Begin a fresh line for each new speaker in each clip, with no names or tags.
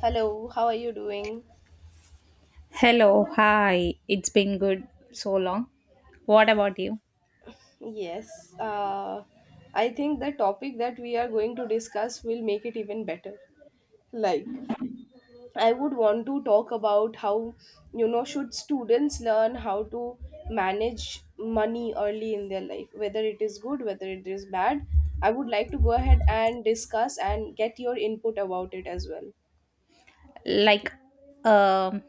Hello, how are you doing?
Hello, hi. It's been good so long. What about you?
Yes, I think the topic that we are going to discuss will make it even better. Like, I would want to talk about how, you know, should students learn how to manage money early in their life, whether it is good, whether it is bad. I would like to go ahead and discuss and get your input about it as well.
Like, um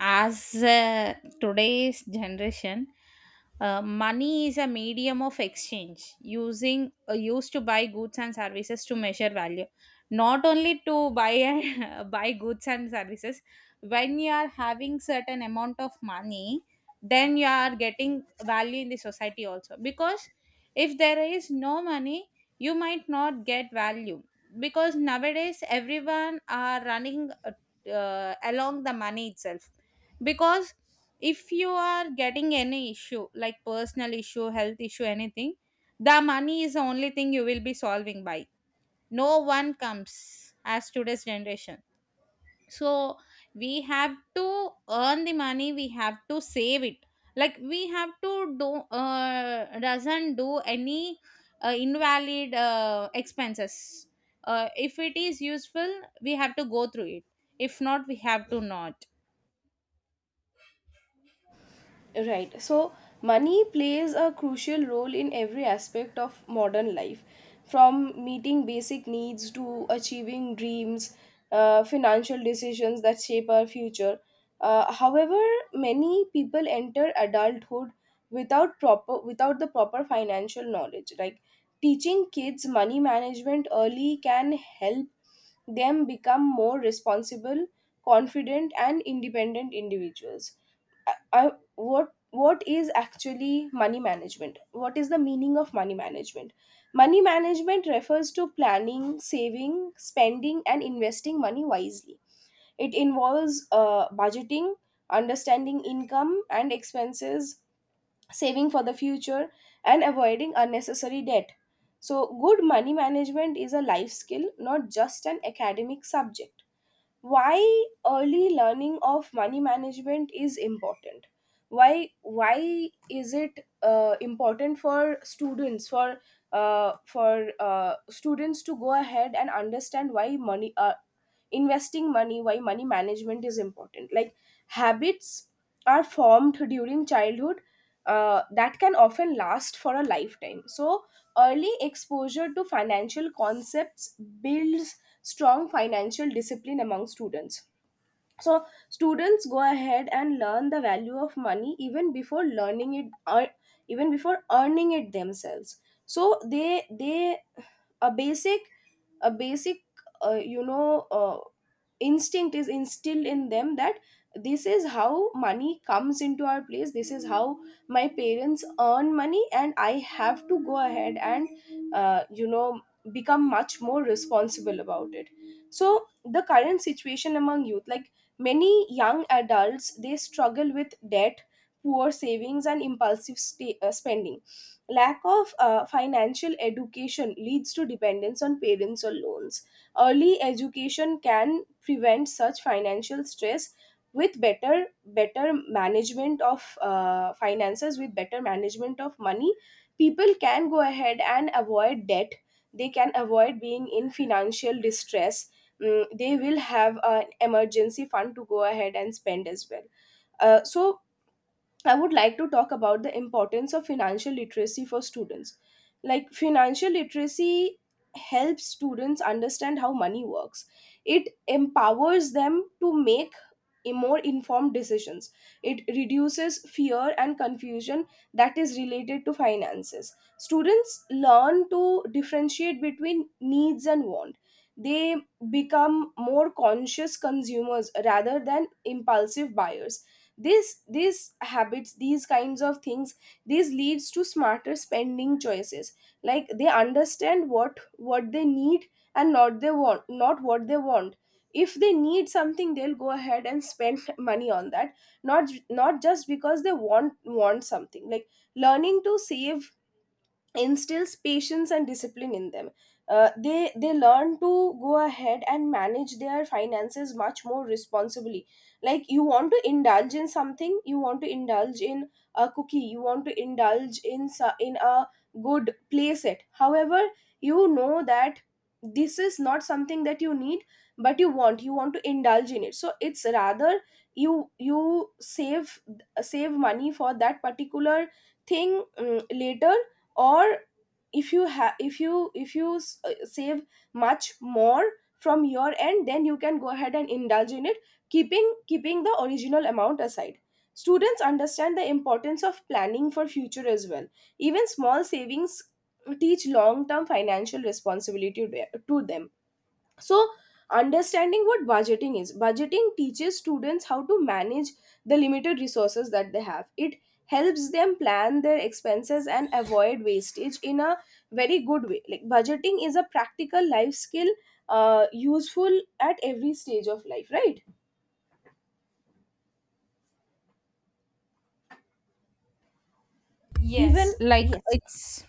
as today's generation, money is a medium of exchange, using used to buy goods and services to measure value, not only to buy and buy goods and services. When you are having certain amount of money, then you are getting value in the society also, because if there is no money, you might not get value, because nowadays everyone are running along the money itself. Because if you are getting any issue, like personal issue, health issue, anything, the money is the only thing you will be solving by. No one comes as today's generation. So we have to earn the money, we have to save it, like we have to do, doesn't do any invalid expenses. If it is useful we have to go through it, if not we have to not.
Right. So, money plays a crucial role in every aspect of modern life, from meeting basic needs to achieving dreams, financial decisions that shape our future. However, many people enter adulthood without the proper financial knowledge. Like, teaching kids money management early can help them become more responsible, confident, and independent individuals. I, what is actually money management, what is the meaning of money management? Money management refers to planning, saving, spending and investing money wisely. It involves budgeting, understanding income and expenses, saving for the future, and avoiding unnecessary debt. So, good money management is a life skill, not just an academic subject. Why early learning of money management is important? Why is it important for students, for students to go ahead and understand why money, investing money, why money management is important. Like, habits are formed during childhood, that can often last for a lifetime. So early exposure to financial concepts builds strong financial discipline among students. So, students go ahead and learn the value of money even before learning it, or even before earning it themselves. So they, a basic a basic uh, you know uh, instinct is instilled in them that this is how money comes into our place, this is how my parents earn money, and I have to go ahead and uh, you know become much more responsible about it. So the current situation among youth, like many young adults, they struggle with debt, poor savings and impulsive spending. Lack of financial education leads to dependence on parents or loans. Early education can prevent such financial stress. With better management of finances, with better management of money, people can go ahead and avoid debt, they can avoid being in financial distress. Mm, they will have an emergency fund to go ahead and spend as well. So, I would like to talk about the importance of financial literacy for students. Like, financial literacy helps students understand how money works, it empowers them to make more informed decisions, it reduces fear and confusion that is related to finances. Students learn to differentiate between needs and want. They become more conscious consumers rather than impulsive buyers. This these habits, these kinds of things, this leads to smarter spending choices. Like, they understand what they need and not they want, not what they want. If they need something, they'll go ahead and spend money on that, not just because they want something. Like, learning to save instills patience and discipline in them. They learn to go ahead and manage their finances much more responsibly. Like, you want to indulge in something, you want to indulge in a cookie, you want to indulge in in a good playset. However, you know that this is not something that you need, but you want to indulge in it, so it's rather you save, save money for that particular thing, mm, later. Or if you have if you save much more from your end, then you can go ahead and indulge in it, keeping the original amount aside. Students understand the importance of planning for future as well. Even small savings teach long term financial responsibility to them. So understanding what budgeting is, budgeting teaches students how to manage the limited resources that they have. It helps them plan their expenses and avoid wastage in a very good way. Like, budgeting is a practical life skill, useful at every stage of life, right?
Yes,
even
like
Yes,
it's,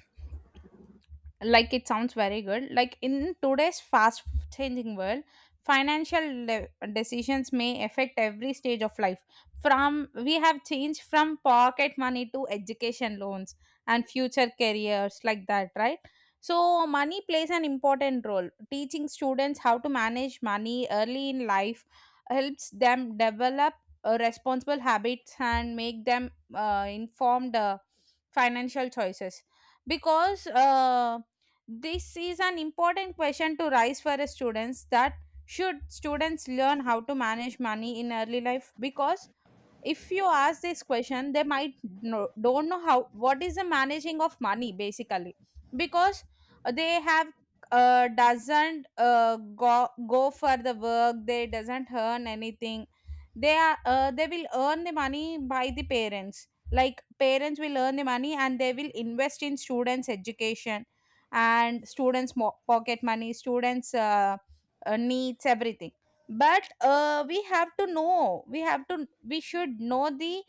like it sounds very good. Like in today's fast changing world, financial le- decisions may affect every stage of life, from, we have changed from pocket money to education loans and future careers, like that, right? So money plays an important role. Teaching students how to manage money early in life helps them develop responsible habits and make them informed financial choices. Because this is an important question to raise for a students, that should students learn how to manage money in early life? Because if you ask this question they might don't know how, what is the managing of money basically. Because they have, doesn't go for the work, they doesn't earn anything. They are they will earn the money by the parents, like parents will earn the money and they will invest in students education and pocket money, students needs everything. But we have to know, we have to, we should know the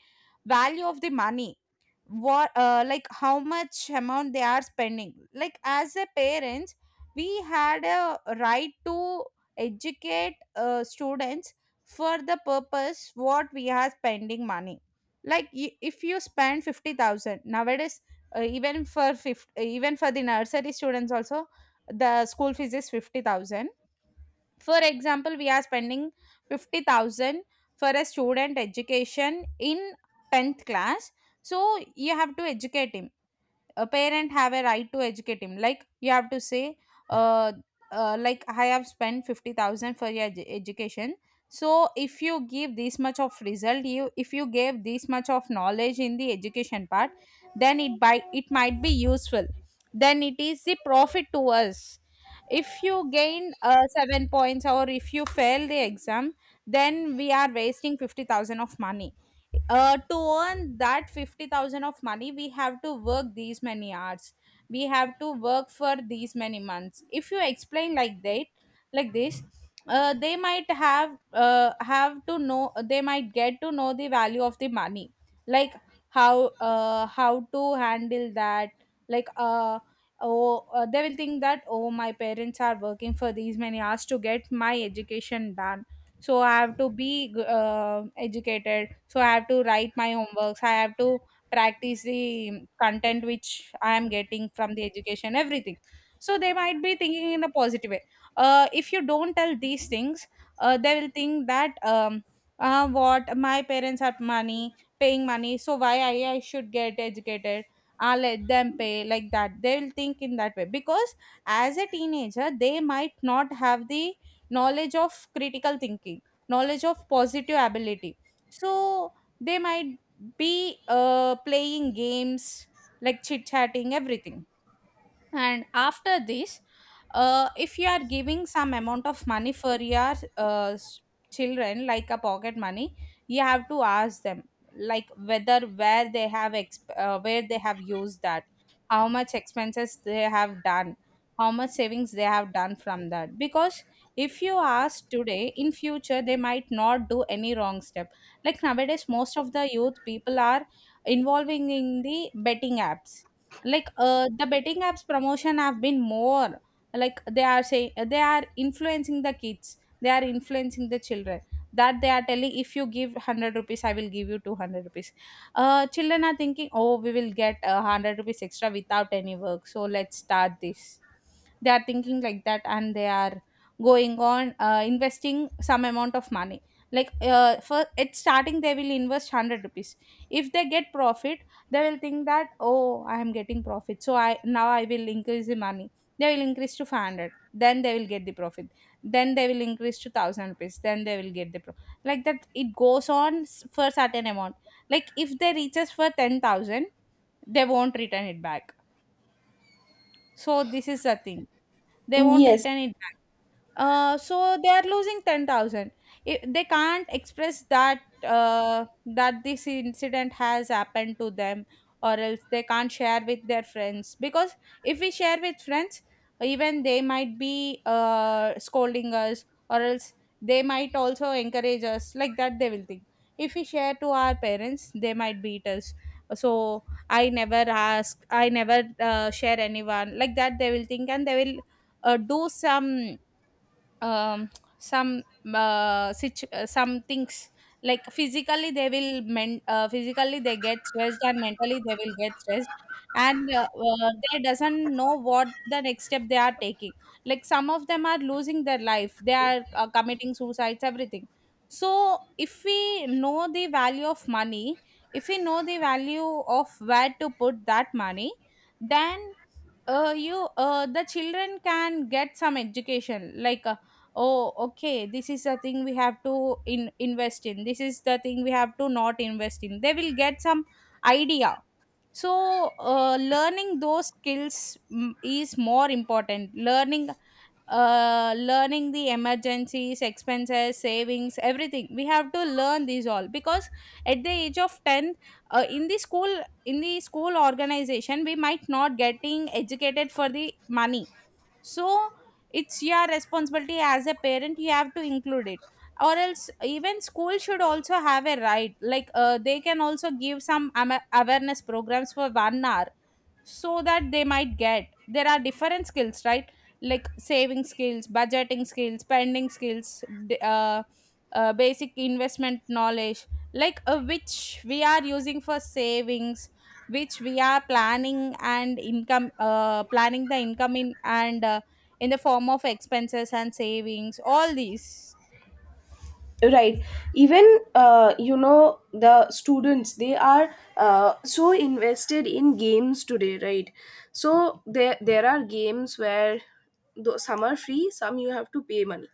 value of the money. What like how much amount they are spending. Like as a parents we had a right to educate students for the purpose what we are spending money. Like if you spend 50,000 nowadays, even for 50, even for the nursery students also the school fees is 50,000. For example we are spending 50,000 for a student education in 10th class. So you have to educate him, a parent have a right to educate him. Like you have to say uh, like, I have spent 50,000 for your education. So if you give this much of result, you, if you gave this much of knowledge in the education part, then it, by it might be useful, then it is the profit to us. If you gain 7 points or if you fail the exam, then we are wasting 50,000 of money. To earn that 50,000 of money we have to work these many hours, we have to work for these many months. If you explain like that, like this, they might have, have to know, they might get to know the value of the money. Like how to handle that. Like oh they will think that, oh, my parents are working for these many hours to get my education done, so I have to be educated, so I have to write my homeworks, I have to practice the content which I am getting from the education, everything. So they might be thinking in a positive way. If you don't tell these things, they will think that, what, my parents have money, paying money, so why I should get educated, I'll let them pay, like that they will think in that way. Because as a teenager they might not have the knowledge of critical thinking, knowledge of positive ability. So they might be playing games, like chit chatting, everything. And after this, if you are giving some amount of money for your children, like a pocket money, you have to ask them, like whether, where they have where they have used that, how much expenses they have done, how much savings they have done from that. Because if you ask today, in future they might not do any wrong step. Like nowadays most of the youth people are involving in the betting apps. Like the betting apps promotion have been more, like they are saying, they are influencing the kids, they are influencing the children, that they are telling, if you give 100 rupees I will give you 200 rupees. Uh children are thinking, oh we will get 100 rupees extra without any work, so let's start this. They are thinking like that, and they are going on investing some amount of money. Like for at starting they will invest 100 rupees. If they get profit, they will think that, oh I am getting profit, so I, now I will increase the money. They will increase to 500, then they will get the profit, then they will increase to 1000 rupees, then they will get the profit. Like that it goes on, for certain amount. Like if they reaches for 10,000, they won't return it back. So this is the thing, they won't
yes,
return it. So they are losing 10,000. They can't express that, that this incident has happened to them. Or else they can't share with their friends, because if we share with friends, even they might be scolding us, or else they might also encourage us, like that they will think. If we share to our parents they might beat us. So, I never ask, I never share anyone, like that they will think, and they will do some, um, some, some things. Like physically they will physically they get stressed, and mentally they will get stressed. And they doesn't know what the next step they are taking. Like some of them are losing their life, they are committing suicides, everything. So if we know the value of money, if we know the value of where to put that money, then, you, the children can get some education. Like oh okay, this is the thing we have to in invest in, this is the thing we have to not invest in, they will get some idea. So learning those skills, mm, is more important. Learning learning the emergencies, expenses, savings, everything. We have to learn these all. Because at the age of 10, in the school organization, we might not getting educated for the money. So it's your responsibility as a parent, you have to include it. Or else even school should also have a right, like they can also give some awareness programs for one hour. So that they might get, there are different skills, right? Like saving skills, budgeting skills, spending skills, basic investment knowledge. Like which we are using for savings, which we are planning, and income, planning the income in, and in the form of expenses and savings, all these.
right. even you know The students, they are so invested in games today, right? So there are games where, though some are free, some you have to pay money,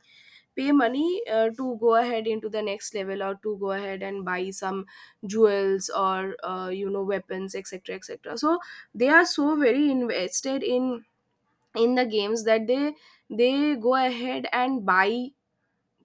to go ahead into the next level or to go ahead and buy some jewels or, you know, weapons, etc etc. So they are so very invested in the games that they go ahead and buy,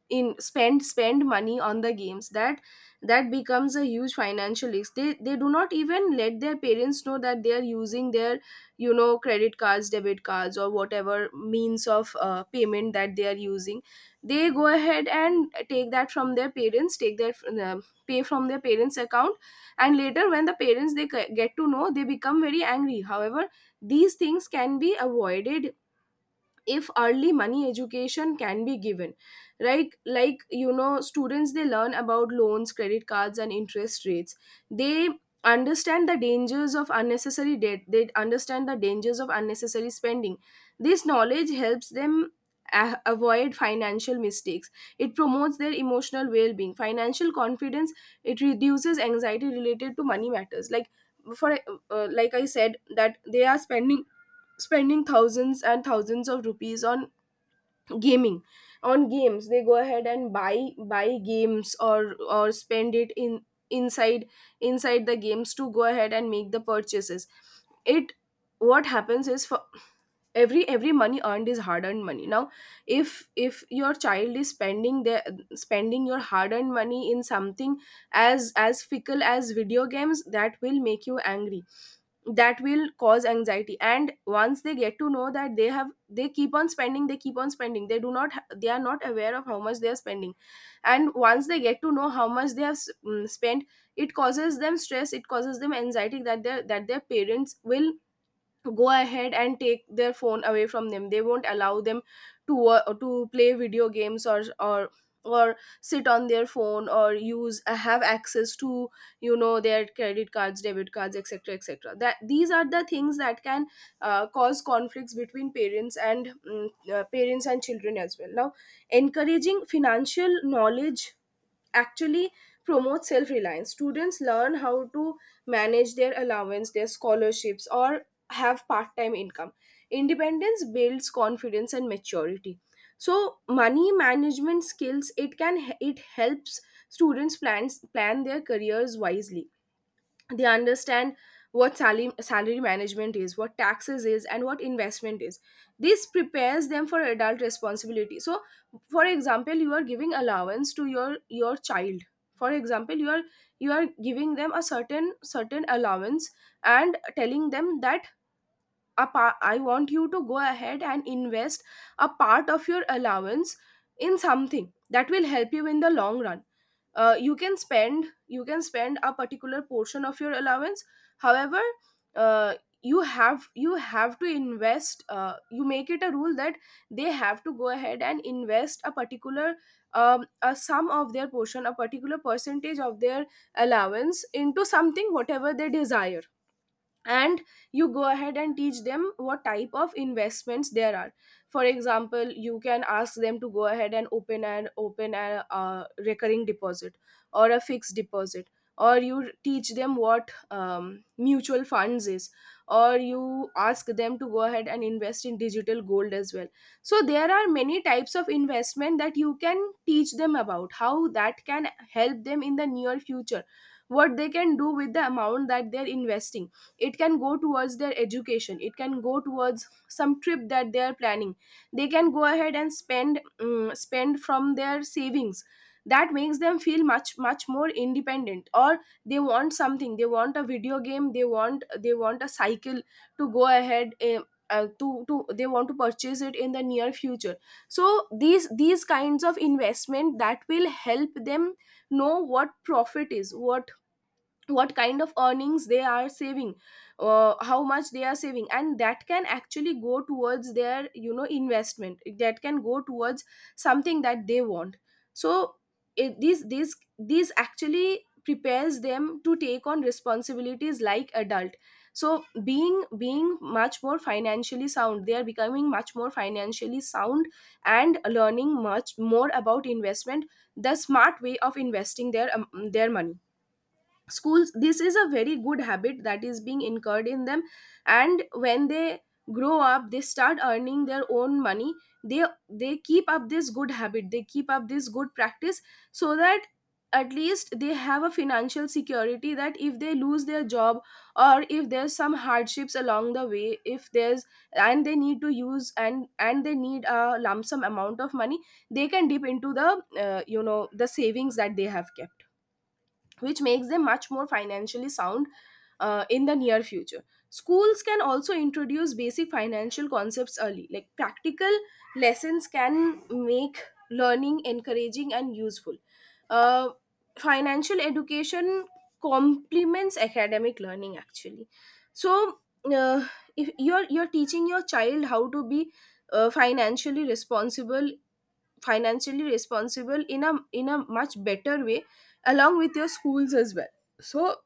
in spend money on the games, that becomes a huge financial risk. They do not even let their parents know that they are using their, you know, credit cards, debit cards, or whatever means of payment that they are using. They go ahead and take that from their parents, take their uh, pay from their parents account. And later when the parents they get to know, they become very angry. However, these things can be avoided if early money education can be given. Right. Like, you know, students, they learn about loans, credit cards and interest rates. They understand the dangers of unnecessary debt, they understand the dangers of unnecessary spending. This knowledge helps them avoid financial mistakes. It promotes their emotional well-being, financial confidence. It reduces anxiety related to money matters. Like, for, like I said, that they are spending thousands and thousands of rupees on gaming, on games. They go ahead and buy games, or spend it in inside inside the games to go ahead and make the purchases. It, what happens is, for every money earned is hard earned money. Now, if your child is spending your hard earned money in something as fickle as video games, that will make you angry, that will cause anxiety. And once they get to know that they have, they keep on spending, they do not they are not aware of how much they are spending. And once they get to know how much they have spent, it causes them stress, it causes them anxiety, that their parents will go ahead and take their phone away from them, they won't allow them to play video games, or sit on their phone, or use, have access to, you know, their credit cards, debit cards, etc etc. That these are the things that can cause conflicts between parents and children as well. Now, encouraging financial knowledge actually promotes self reliance. Students learn how to manage their allowance, their scholarships, or have part time income. Independence builds confidence and maturity. So money management skills, it can, it helps students plan their careers wisely. They understand what salary management is, what taxes is, and what investment is. This prepares them for adult responsibility. So for example, you are giving allowance to your child. For example, you are, you are giving them a certain allowance and telling them that a part, I want you to go ahead and invest a part of your allowance in something that will help you in the long run. You can spend, a particular portion of your allowance. However, uh, you have to invest, you make it a rule that they have to go ahead and invest a particular, a sum of their portion, a particular percentage of their allowance into something, whatever they desire. And you go ahead and teach them what type of investments there are. For example, you can ask them to go ahead and open a recurring deposit or a fixed deposit. Or you teach them what, mutual funds is, or you ask them to go ahead and invest in digital gold as well. So there are many types of investment that you can teach them about, how that can help them in the near future, what they can do with the amount that they're investing. It can go towards their education, it can go towards some trip that they are planning. They can go ahead and spend from their savings. That makes them feel much more independent. Or they want something, they want a video game, they want, they want a cycle to go ahead, to they want to purchase it in the near future. So these kinds of investment, that will help them know what profit is, what kind of earnings they are saving, how much they are saving, and that can actually go towards their, you know, investment, that can go towards something that they want. So it, these these actually prepares them to take on responsibilities like adult. So being much more financially sound, they are becoming much more financially sound, and learning much more about investment, the smart way of investing their money. Schools, this is a very good habit that is being incurred in them, and when they grow up they start earning their own money. They they keep up this good habit, they keep up this good practice, so that at least they have a financial security that if they lose their job or if there's some hardships along the way, if there's and they need to use and they need a lump sum amount of money, they can dip into the the savings that they have kept, which makes them much more financially sound in the near future. Schools can also introduce basic financial concepts early, like practical lessons can make learning encouraging and useful. Uh, Financial education complements academic learning actually. So, uh, if you're teaching your child how to be financially responsible, in a much better way, along with your schools as well. So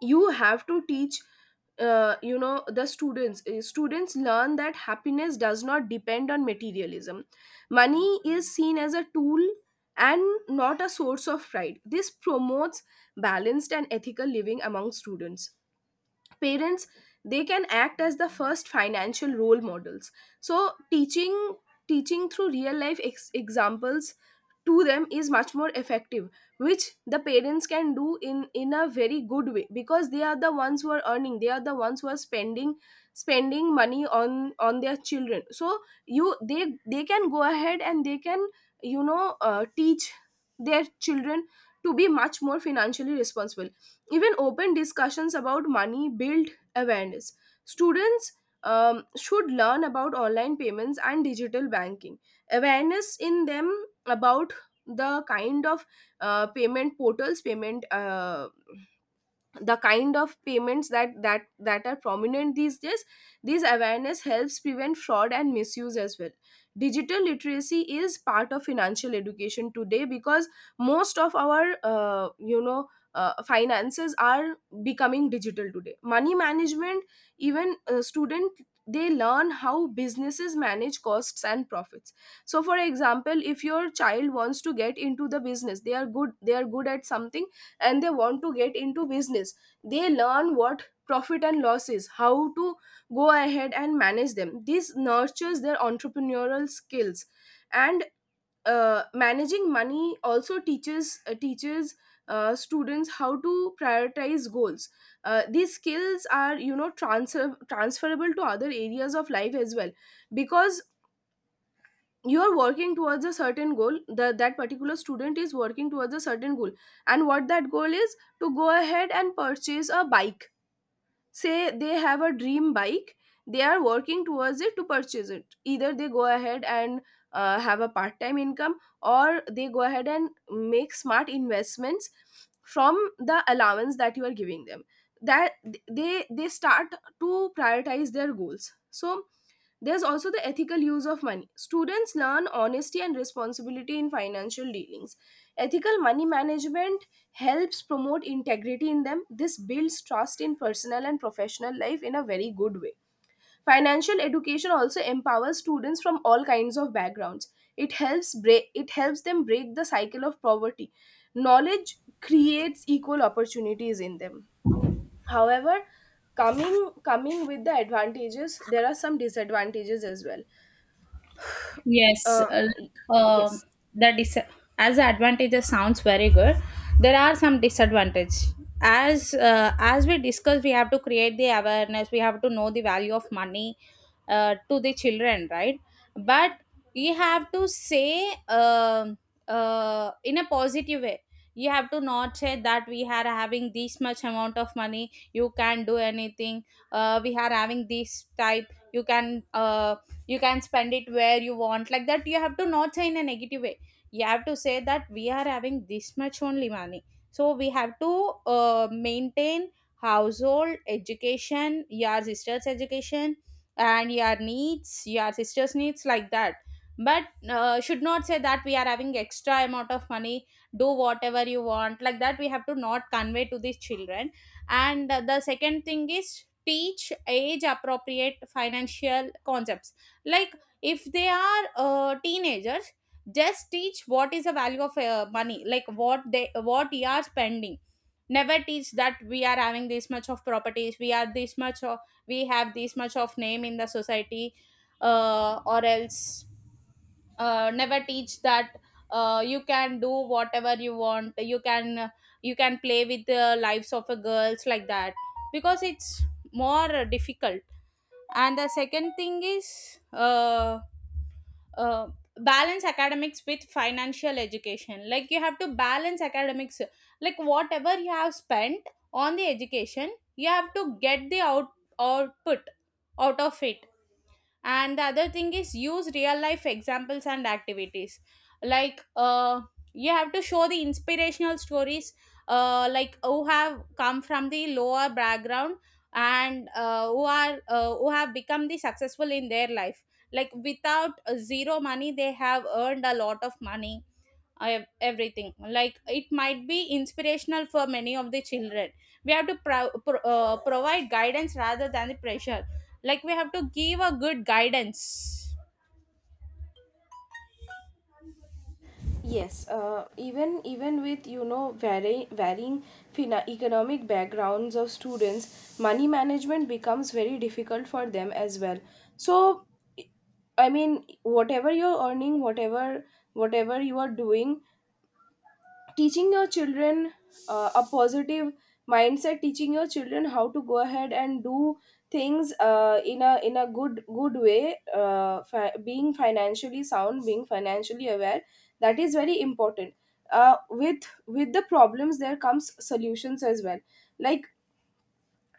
you have to teach the students, students learn that happiness does not depend on materialism. Money is seen as a tool and not a source of pride. This promotes balanced and ethical living among students. Parents, they can act as the first financial role models. So teaching, teaching through real life examples to them is much more effective, which the parents can do in a very good way, because they are the ones who are earning, they are the ones who are spending, spending money on their children. So you they can go ahead and they can teach their children to be much more financially responsible. Even open discussions about money build awareness. Students should learn about online payments and digital banking, awareness in them about the kind of payment portals, payment the kind of payments that are prominent these days. This awareness helps prevent fraud and misuse as well. Digital literacy is part of financial education today, because most of our finances are becoming digital today. Money management, even student, they learn how businesses manage costs and profits. So for example, if your child wants to get into the business, they are good, they are good at something and they want to get into business, they learn what profit and loss is, how to go ahead and manage them. This nurtures their entrepreneurial skills. And managing money also teaches, students how to prioritize goals. These skills are, you know, transferable to other areas of life as well, because you are working towards a certain goal. That particular student is working towards a certain goal, and what that goal is, to go ahead and purchase a bike. Say they have a dream bike, they are working towards it to purchase it. Either they go ahead and have a part time income, or they go ahead and make smart investments from the allowance that you are giving them. That they start to prioritize their goals. So there's also the ethical use of money. Students learn honesty and responsibility in financial dealings. Ethical money management helps promote integrity in them. This builds trust in personal and professional life in a very good way. Financial education also empowers students from all kinds of backgrounds. It helps break, it helps them break the cycle of poverty. Knowledge creates equal opportunities in them. However, coming coming with the advantages, there are some disadvantages as well.
Yes,
uh, y-
um,
yes.
the dis- as the advantages sounds very good, there are some disadvantages. As we discussed, we have to create the awareness. We have to know the value of money to the children, right? But we have to say in a positive way. You have to not say that, we are having this much amount of money, you can do anything. We are having this type, you can, you can spend it where you want, like that you have to not say in a negative way. You have to say that, we are having this much only money, so we have to maintain household education, your sister's education, and your needs, your sister's needs, like that. But should not say that we are having extra amount of money, do whatever you want, like that we have to not convey to these children. And the second thing is, teach age appropriate financial concepts. Like if they are teenagers, just teach what is the value of money, like what they, what you are spending. Never teach that we are having this much of properties, we are this much of, we have this much of name in the society. Or else never teach that, you can do whatever you want, you can, you can play with the lives of a girls, like that, because it's more difficult. And the second thing is, uh, balance academics with financial education. Like you have to balance academics, like whatever you have spent on the education you have to get the output out of it. And the other thing is, use real life examples and activities. Like you have to show the inspirational stories, like who have come from the lower background, and who are who have become the successful in their life. Like without zero money they have earned a lot of money, I have everything. Like it might be inspirational for many of the children. We have to provide guidance rather than the pressure. Like we have to give a good guidance.
Yes, even, even with, you know, varying economic backgrounds of students, money management becomes very difficult for them as well. So, I mean, whatever you're earning, whatever, whatever you are doing, teaching your children a positive mindset, teaching your children how to go ahead and do things in a good way, being financially sound, being financially aware, that is very important. Uh, with the problems there comes solutions as well. Like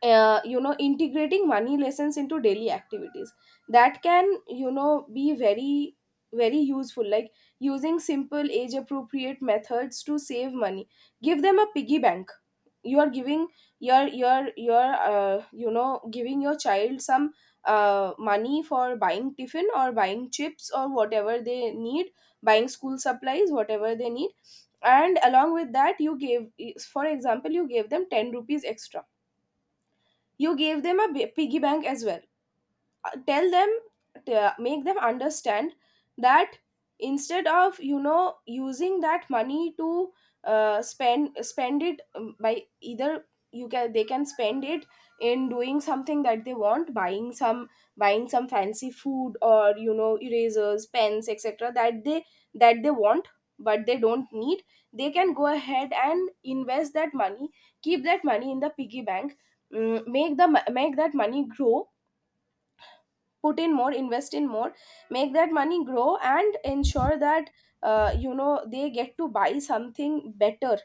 you know, integrating money lessons into daily activities that can, you know, be very, very useful. Like using simple age appropriate methods to save money, give them a piggy bank. You are giving your your giving your child some money for buying tiffin or buying chips or whatever they need, buying school supplies, whatever they need. And along with that you gave, for example, you gave them 10 rupees extra. You gave them a piggy bank as well. Tell them, make them understand that instead of, you know, using that money to spend it by either, you can they can spend it in doing something that they want, buying some, buying some fancy food, or, you know, erasers, pens, etc., that they want but they don't need. They can go ahead and invest that money, keep that money in the piggy bank. Make the make that money grow, put in more, invest in more, make that money grow, and ensure that you know, they get to buy something better,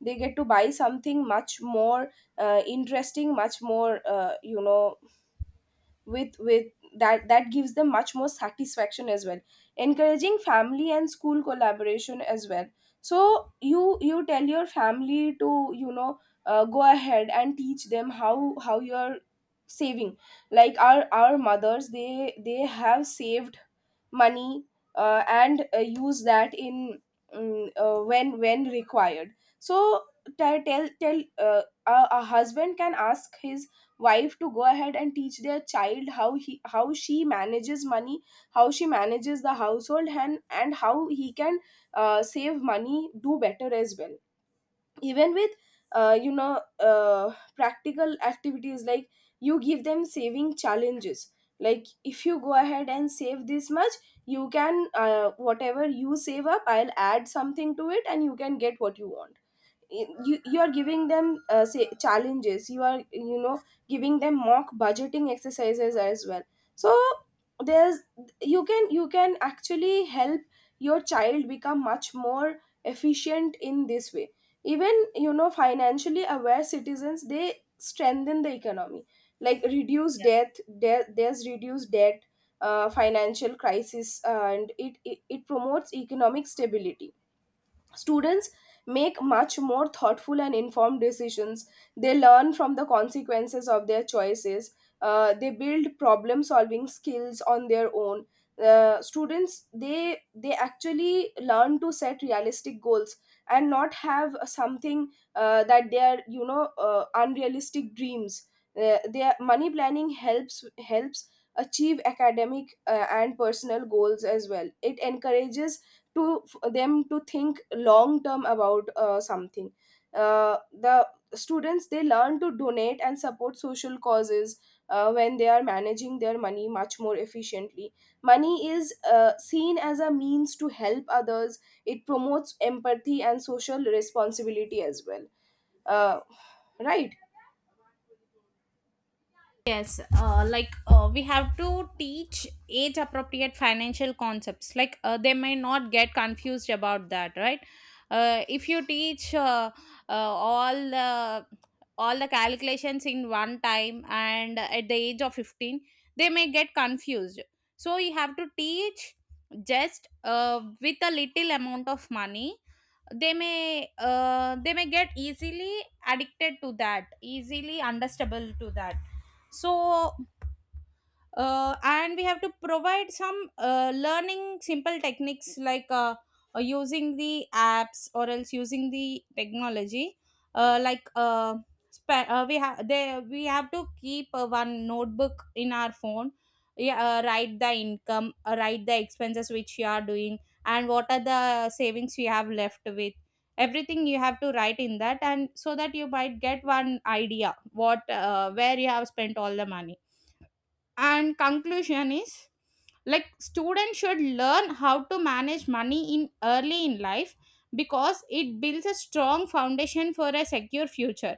they get to buy something much more interesting, much more, with that, that gives them much more satisfaction as well. Encouraging family and school collaboration as well. So you tell your family to, you know, go ahead and teach them how you're saving. Like our mothers, they have saved money and use that in when required. So a husband can ask his wife to go ahead and teach their child how he, how she manages money, how she manages the household, and how he can save money, do better as well. Even with practical activities, like you give them saving challenges. Like if you go ahead and save this much, you can, whatever you save up, I'll add something to it, and you can get what you want. You are giving them, say, challenges. You are, you know, giving them mock budgeting exercises as well. So there's, you can, you can actually help your child become much more efficient in this way. Even, you know, financially aware citizens, they strengthen the economy, like reduce debt. There's reduced debt, financial crisis, and it promotes economic stability. Students make much more thoughtful and informed decisions. They learn from the consequences of their choices. They build problem solving skills on their own. Students, they actually learn to set realistic goals and not have something that they are, you know, unrealistic dreams. Their money planning helps, helps achieve academic and personal goals as well. It encourages to for them to think long term about something. The students, they learn to donate and support social causes when they are managing their money much more efficiently. Money is seen as a means to help others. It promotes empathy and social responsibility as well. uh, right.
Yes, like we have to teach age appropriate financial concepts, like they may not get confused about that, right? If you teach all the all the calculations in one time and at the age of 15, they may get confused. So you have to teach just with a little amount of money, they may get easily addicted to that, easily understandable to that. So and we have to provide some learning simple techniques, like using the apps, or else using the technology. Like we have, they, we have to keep one notebook in our phone, yeah, write the income, write the expenses which you are doing, and what are the savings you have left with, everything you have to write in that. And so that you might get one idea, what where you have spent all the money. And conclusion is, like students should learn how to manage money in early in life, because it builds a strong foundation for a secure future.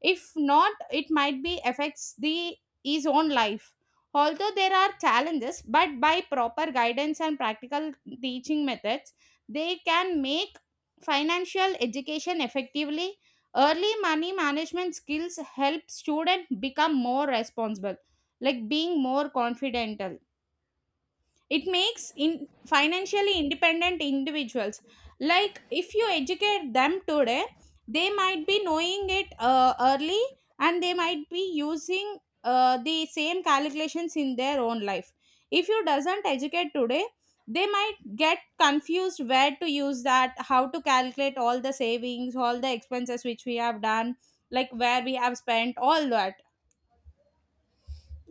If not, it might be affects the, his own life. Although there are challenges, but by proper guidance and practical teaching methods they can make financial education effectively. Early money management skills help students become more responsible, like being more confidential. It makes in financially independent individuals. Like if you educate them today, they might be knowing it early, and they might be using the same calculations in their own life. If you doesn't educate today, they might get confused where to use that, how to calculate all the savings, all the expenses which we have done, like where we have spent all that.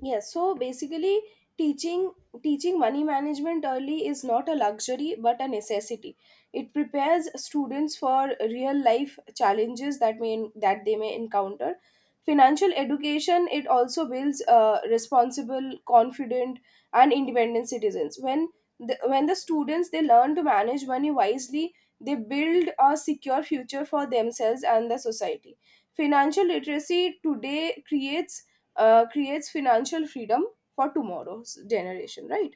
Yes, so basically, teaching, teaching money management early is not a luxury but a necessity. It prepares students for real life challenges that they may encounter. Financial education, it also builds responsible, confident and independent citizens. When when the students, they learn to manage money wisely, they build a secure future for themselves and the society. Financial literacy today creates, financial freedom for tomorrow's generation, right?